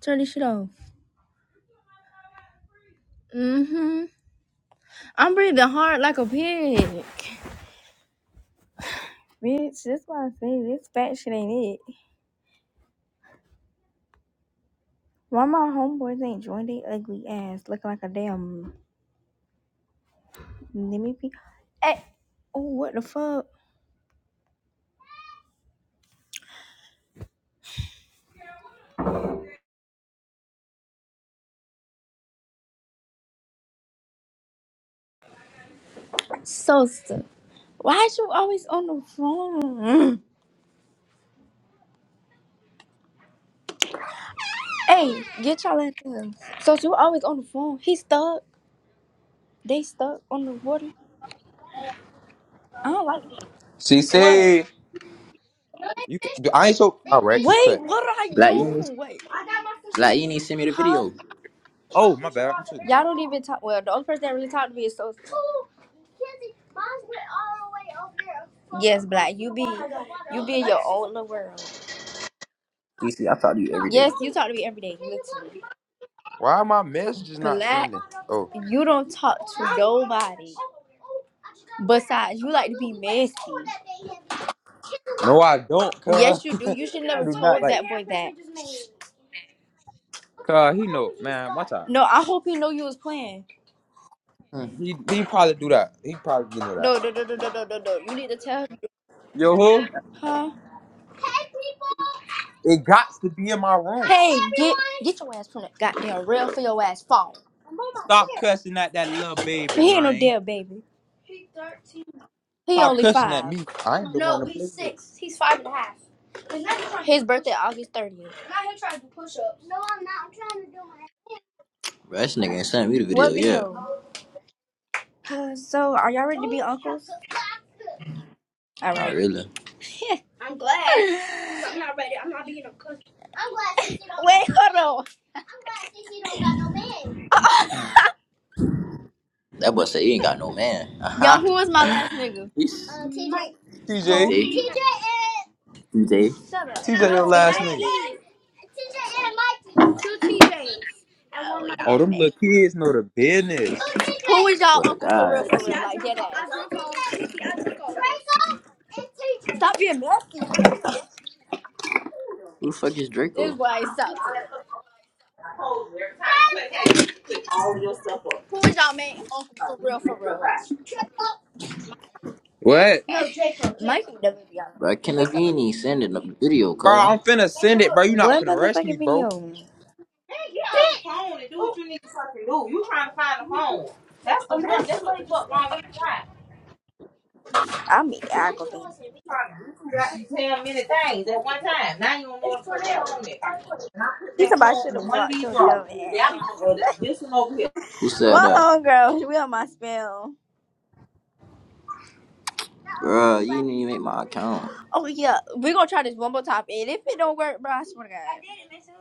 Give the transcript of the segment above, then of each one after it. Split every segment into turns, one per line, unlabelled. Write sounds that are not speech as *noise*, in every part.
Turn this shit off. Mm-hmm. I'm breathing hard like a pig. Bitch, that's why I say this fat shit ain't it. Why my homeboys ain't joined they ugly ass looking like a damn Nimmy P? Hey, oh, what the fuck? Sosa, why is you always on the phone? *laughs* hey, get y'all at them. Sosa, you always on the phone. He stuck. They stuck on the water. I don't like that.
She
What?
said, "You can." I ain't so. All right, you
Wait,
cut.
what are I
Black Uni,
doing? Wait,
Black Uni sent me the
huh?
video.
Oh my bad. I'm cheating.
Y'all don't even talk. Well, the only person that really talked to me is so. Yes, Black. You be you be in your own little world.
DC, I talk to you every day.
Yes, you talk to me every day, literally.
Why are my messages not
Black,
sending? Oh
you don't talk to nobody. Besides, you like to be messy.
no, I don't, cuz
Yes, you do. You should
*laughs* I
never
do not
told
like.
that boy that.
Cuz he know, man. Watch out.
No, I hope he know you was playing.
Hmm.
He he probably do that. He probably do know that.
No, no, no, no, no, no, no, no. You need to tell him.
Yo, who?
Huh?
It got to be in my room.
Hey, get get your ass from that goddamn rail for your ass phone.
Stop cussing at that little baby,
He ain't no
man.
dead baby. He thirteen. He
Stop
only
cussing at
five.
me. I ain't the one
No,
to play
he's
with.
six. He's five and a half. And now he's trying to His birthday August thirtieth. Now he's trying to push ups.
Bro, this nigga ain't sent me the video
What
yet.
video? Uh, so are y'all ready to be uncles? All
Not
right.
really.
*laughs* right. I'm I'm I'm I'm *laughs* glad. glad. not not ready. I'm not being a cuss. I'm glad. Wait, hold on.
That boy said he ain't got no man. Uh
Y'all,
huh.
who was my last nigga?
TJ,
Who?
DJ, DJ.
Shut up.
TJ, your
No,
last nigga.
two T Js and one Mike
Oh, them little kids know the business.
Who is y'all
But a
uncle for real,
god,
for
that's
real?
it.
Like, get ass. Stop being messy.
Who the fuck is
This is
Draco?
Wow,
why I
put all
stopped to.
that stuff up. I told you, every time you click that, you click all of your stuff up.
Who is y'all main uncle
Uh,
for
you
real, for
mess up
real?
out. What?
No, Jacob. Mike would never be on.
Bro, Kenneth, you ain't even sending up the video,
Bro,
cuz.
I'm finna send it, bro. You not
What
finna rush me,
motherfucking video?
bro. Hey, get off the phone and do what you need to fucking do. You trying to find a phone. That's the
Imagine
work. That's what the
somebody just.
fuck wrong with you, right?
I'm be aggravated.
Trying to you got you ten many things at one time. Now you don't know where to put the phone at. And I put
She's
that
about should
phone in
have
one of
blocked
these
your
drawers.
dumb ass.
That one or this one over here.
Who said
My
that?
homegirl, we on my spell.
Bro, you didn't even make my account.
Oh yeah, we gonna try this one more time, and if it don't work, bro, I swear to God. I did it, man.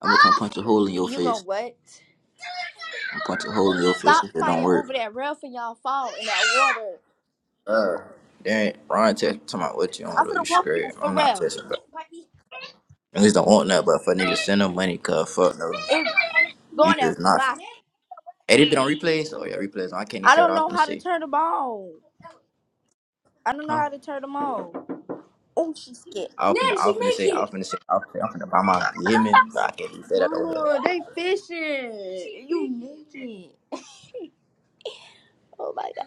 I'm gonna come punch a hole in your
You gonna
face.
what?
I'm gonna punch a hole in your face
Stop
if it don't
fighting over
work.
that rail and y'all fall in that water.
Uh, then Ron text talking about what you on
I'm
though.
gonna
You
whoop you
scared.
for
I'm not
real.
texting. Niggas don't want that, but for niggas to send them money, cuz fuck no.
It's
You
going there.
just not.
Bye.
Hey, this been on replays? Oh, yeah, replays. I can't even
I
say what I
don't
was
know
finna
how to
say.
turn them on. I don't know
Huh?
how to turn them on. Oh, she scared.
I was finna,
Ned,
I
she
was finna say, I was
naked.
finna say, I was finna, I'm finna buy my, you hear me? But I can't even say that over here.
Mama, they fishing. you naked. Oh my god.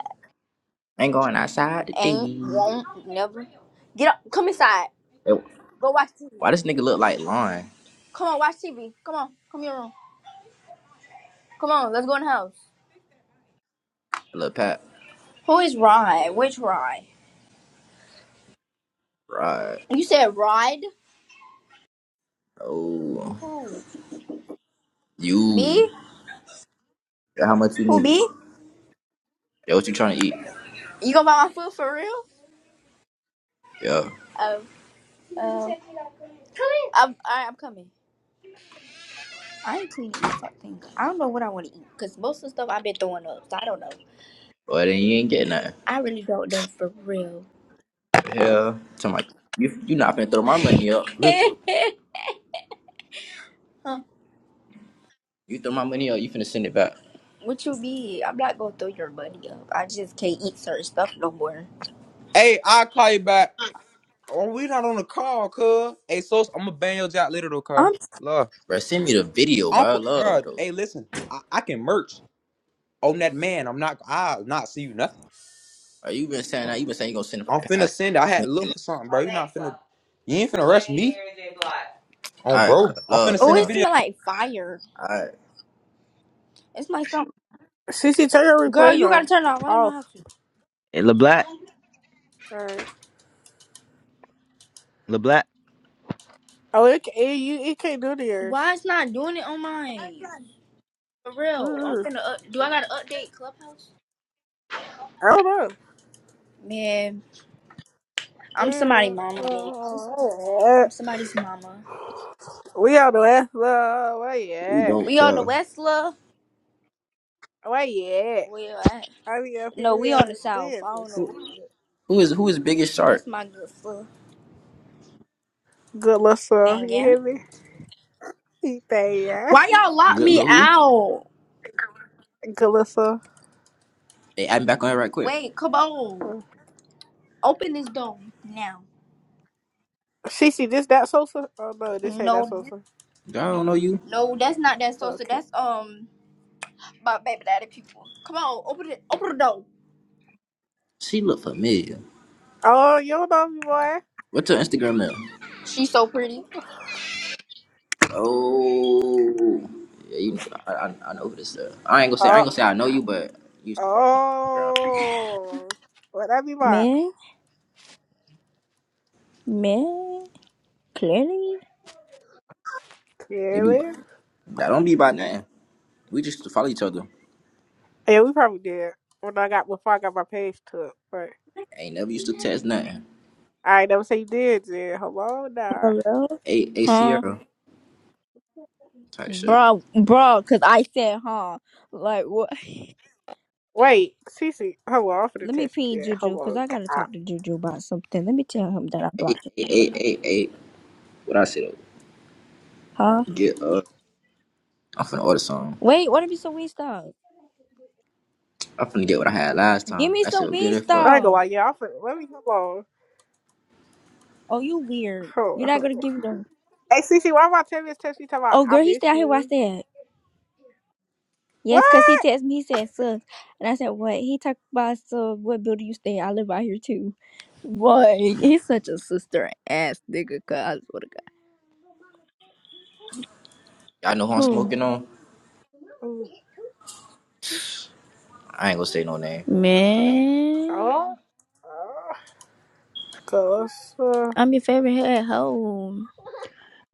Ain't going outside
Ain't,
today.
won't, never. Get up. Come inside.
Hey,
Go watch TV.
why this nigga look like Lon?
Come on, watch TV. Come on. Come in your room. Come on, let's go in the house.
Look, Pat.
Who is Rye? Which Rye?
Right.
You said Ride?
Oh.
Who?
You.
Me?
Yeah, how much you
Who
need?
me?
Yeah, what you trying to eat?
You gonna buy my food for real?
Yeah.
Oh, um, I'm, I, am i am coming. I ain't cleaning this fucking. up. I don't know what I want to eat because most of the stuff I've been throwing up. So I don't know.
Well, then you ain't getting nothing.
I really don't know for real.
Hell. tell about, you, you not finna throw my money up.
Listen.
*laughs* Huh.
You throw my money up, you finna send it back.
What you mean? I'm not gonna throw your money up. I just can't eat certain stuff no more.
Hey, I'll call you back. Oh, we not on the call, cuz. Hey, so I'm gonna ban your job later though, cuz.
I'm.
Love.
Bro, send me the video, bro.
I'm
I
for,
love
bro.
though.
Hey, listen, I, I can merch on that man. I'm not. I not see you nothing.
Bro, you been saying that. You been saying you gonna send it for
I'm
the
finna
past.
send. it. I had
ten
to look for
minutes.
something, bro. You not finna. You ain't finna rush me. On
All right,
bro.
cut.
I'm
love,
finna
Oh,
send a
it
video.
car.
smell like fire.
All right,
It's like something.
CC, turn your
girl.
replays
You
on.
gotta turn it off. I don't know how
Off.
to.
Eh, LeBlack,
Alright.
LeBlack.
Oh, it, ca- it, you, it can't do the yours.
Why it's not doing it on mine? For real, I'm
mm
finna. Up- Do I gotta update Clubhouse?
I don't know.
Man, I'm somebody
Yeah.
mama. Man,
Uh,
I'm somebody's mama.
we on the West Love. Where you
we
at?
don't
We on the
care.
west, love.
Where you at?
Where you at?
I be up
No,
here. We
we on
gotta
the south.
win
I don't
this.
know.
Who is who is biggest shark?
That's my good foot.
Good listen.
Gang,
You
gang.
hear me? He say, yeah.
Why y'all lock
Good
me
little who?
out?
Good listen.
Hey, I'm back on it right quick.
Wait, come on. Open this door now.
CC, this that Sosa? Oh, no, this ain't that
No,
Sosa.
Girl, I don't know you.
no, that's not that salsa.
Okay.
That's um my baby daddy people. Come on, open it. Open the door.
She look familiar.
Oh, you don't know me, boy.
What's her Instagram at?
She's so pretty.
Oh, yeah, you know, I, I, I know who this is. I ain't gonna say I
Oh.
ain't gonna say I know you, but you used to follow my Instagram.
Oh. What that be about?
Man, man, clearly.
They be by,
Clearly.
that don't be by nothing. We just used to follow each other.
Yeah, we probably did when I got before I got my page took. But
Ain't never used to text nothing.
I ain't never say you did, Jen. Hello, nah.
Hello.
A A
Huh?
Sierra type shit.
Bro, bro, cause I said, huh? Like, what?
Wait, Cece, hold on. I'm
*laughs*
finna
Let me
text you,
ping
Jen. Hold
Juju, cause
on.
I gotta
God.
talk to Juju about something. Let me tell him that I
eight,
blocked him.
eight, eight, eight, eight. What I said,
Huh?
get uh, I'm finna order some.
Wait, what if it's a Wingstop?
I'm finna get what I had last
Give
time.
me
That shit
some
was good as
I
fuck.
ain't gonna
Wingstop.
lie, yeah. I'm finna, let me hold on.
Oh, you weird.
Hold
You're
on,
not
hold
gonna
on.
give me no.
Hey, Cece, why my Tavis text me talking about
Oh,
I
girl, he stay
miss
out here where I
you?
said. Yes, cause he
What?
texted me. He said, "Sus," and I said, "What?" He talked about, "So, what building you stay? I live out here too." *laughs* Boy, he's such a sister ass nigga. Cause I swear to God.
Y'all know who I'm
Who
smoking on?
Ooh.
I ain't gonna say no name.
man?
Oh. Oh. Close. Uh,
I'm your favorite head hoe.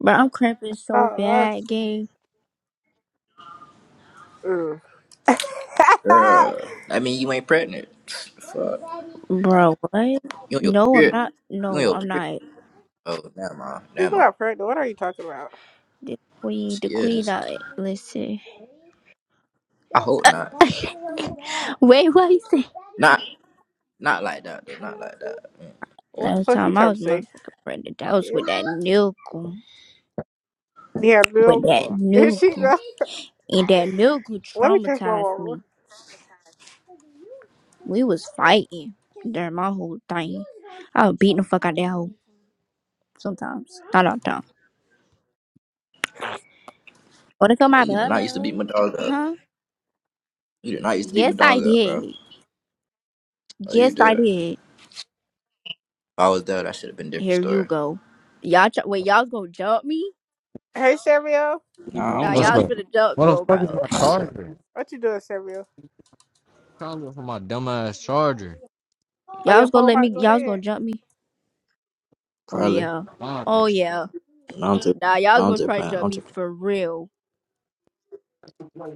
Bro, I'm cramping so
oh.
bad, gang.
Mm. *laughs*
Girl, that mean you ain't pregnant. *sniffs* Fuck.
Bro, what?
You on your
No, I'm not.
period? You on
No,
your
I'm
period?
not.
Oh, never mind. Never
She's
mind.
not pregnant. What are you talking about?
The queen,
She
the queen.
is.
I listen.
I hope not.
*laughs* Wait, what you say?
Not, not like that though. Not like that. Mm, Ain't
What the
that
Last
fuck you
time I
trying
was
to say?
motherfucking pregnant, that was
Yeah,
with that
no.
nigga, with that
*laughs* is she *laughs*
nigga,
go.
and that nigga
Let me check my
traumatized
mama.
me. We was fighting during my whole thing. I was beating the fuck out of that hoe sometimes, not all the time. Wanna come my
right? You did not used to beat
brother?
my dog up.
Huh?
You did not used to beat
Yes,
my
I
dog up, bro.
did.
Oh, you
Yes, I
did. If
did.
I was there, that should have been a different
Here you
story.
go. Y'all, try, wait, y'all's gonna jump me?
Hey, Samuel.
Nah, I
Nah,
don't
What's
jump
y'all's
up?
people.
gonna jump me,
What the
oh, bro.
fuck is my charger?
What you doing, Samuel?
Trying to look for my dumbass charger.
Oh, your
Y'all's gonna
phone
let me,
might go
y'all's
dead.
gonna jump me? Oh,
Probably.
yeah. Oh,
Dumbass.
yeah.
Not to,
Nah, y'all's
not
gonna
to
try to
plan,
jump
not
me
to plan.
for real.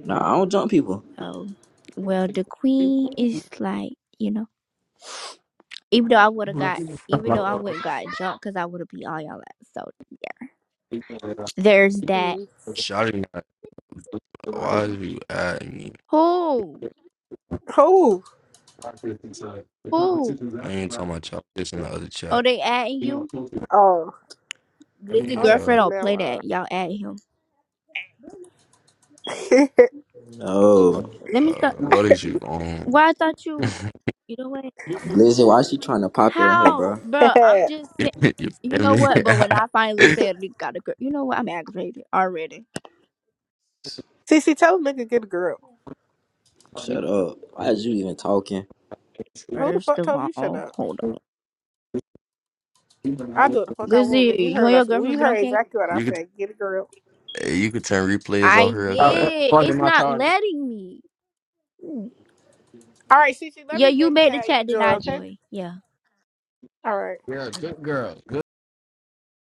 Nah, I don't jump people.
Oh, well, the queen is like, you know, even though I would have
Who the
got,
f-
even though I
uh,
wouldn't got jumped because I would have beat all y'all ass. So there's that.
Mm-hmm.
Shawty not.
So,
Why is
yeah.
you at me?
who?
Who?
Who?
I ain't talking about y'all. This in the other
Oh,
chat.
they adding you?
Oh.
Lizzie
Oh, that
Yeah.
girlfriend don't play
man.
that. Y'all add him.
it's,
No,
Let
Uh,
me start.
what is you on?
Why I thought
*laughs*
you, you know what?
Blizzy, why she trying to pop it in here,
How,
bro?
bro? I'm just, saying.
you
you
feel
know
me?
what? But when I finally
*laughs*
said we got a girl, you know what? I'm aggravated already.
CC, *laughs* tell a nigga get a girl.
Shut up. Why is you even talking?
Who the
First
fuck
of
told you shut
all,
up?
hold on,
I do what the fuck I want, nigga. You
Lizzie, you
heard
and your
us. We
girlfriend been
heard
okay?
exactly what I
you could
said. Get a girl.
eh, you could turn replays off
I
real quick.
did.
Plugging
It's
my
not
charger.
letting me. Mm.
All right, CC, let
Yeah,
me
you
make the
made the
chat you
chat, did
join,
I,
okay?
Joy? Yeah.
All right.
You're a good girl.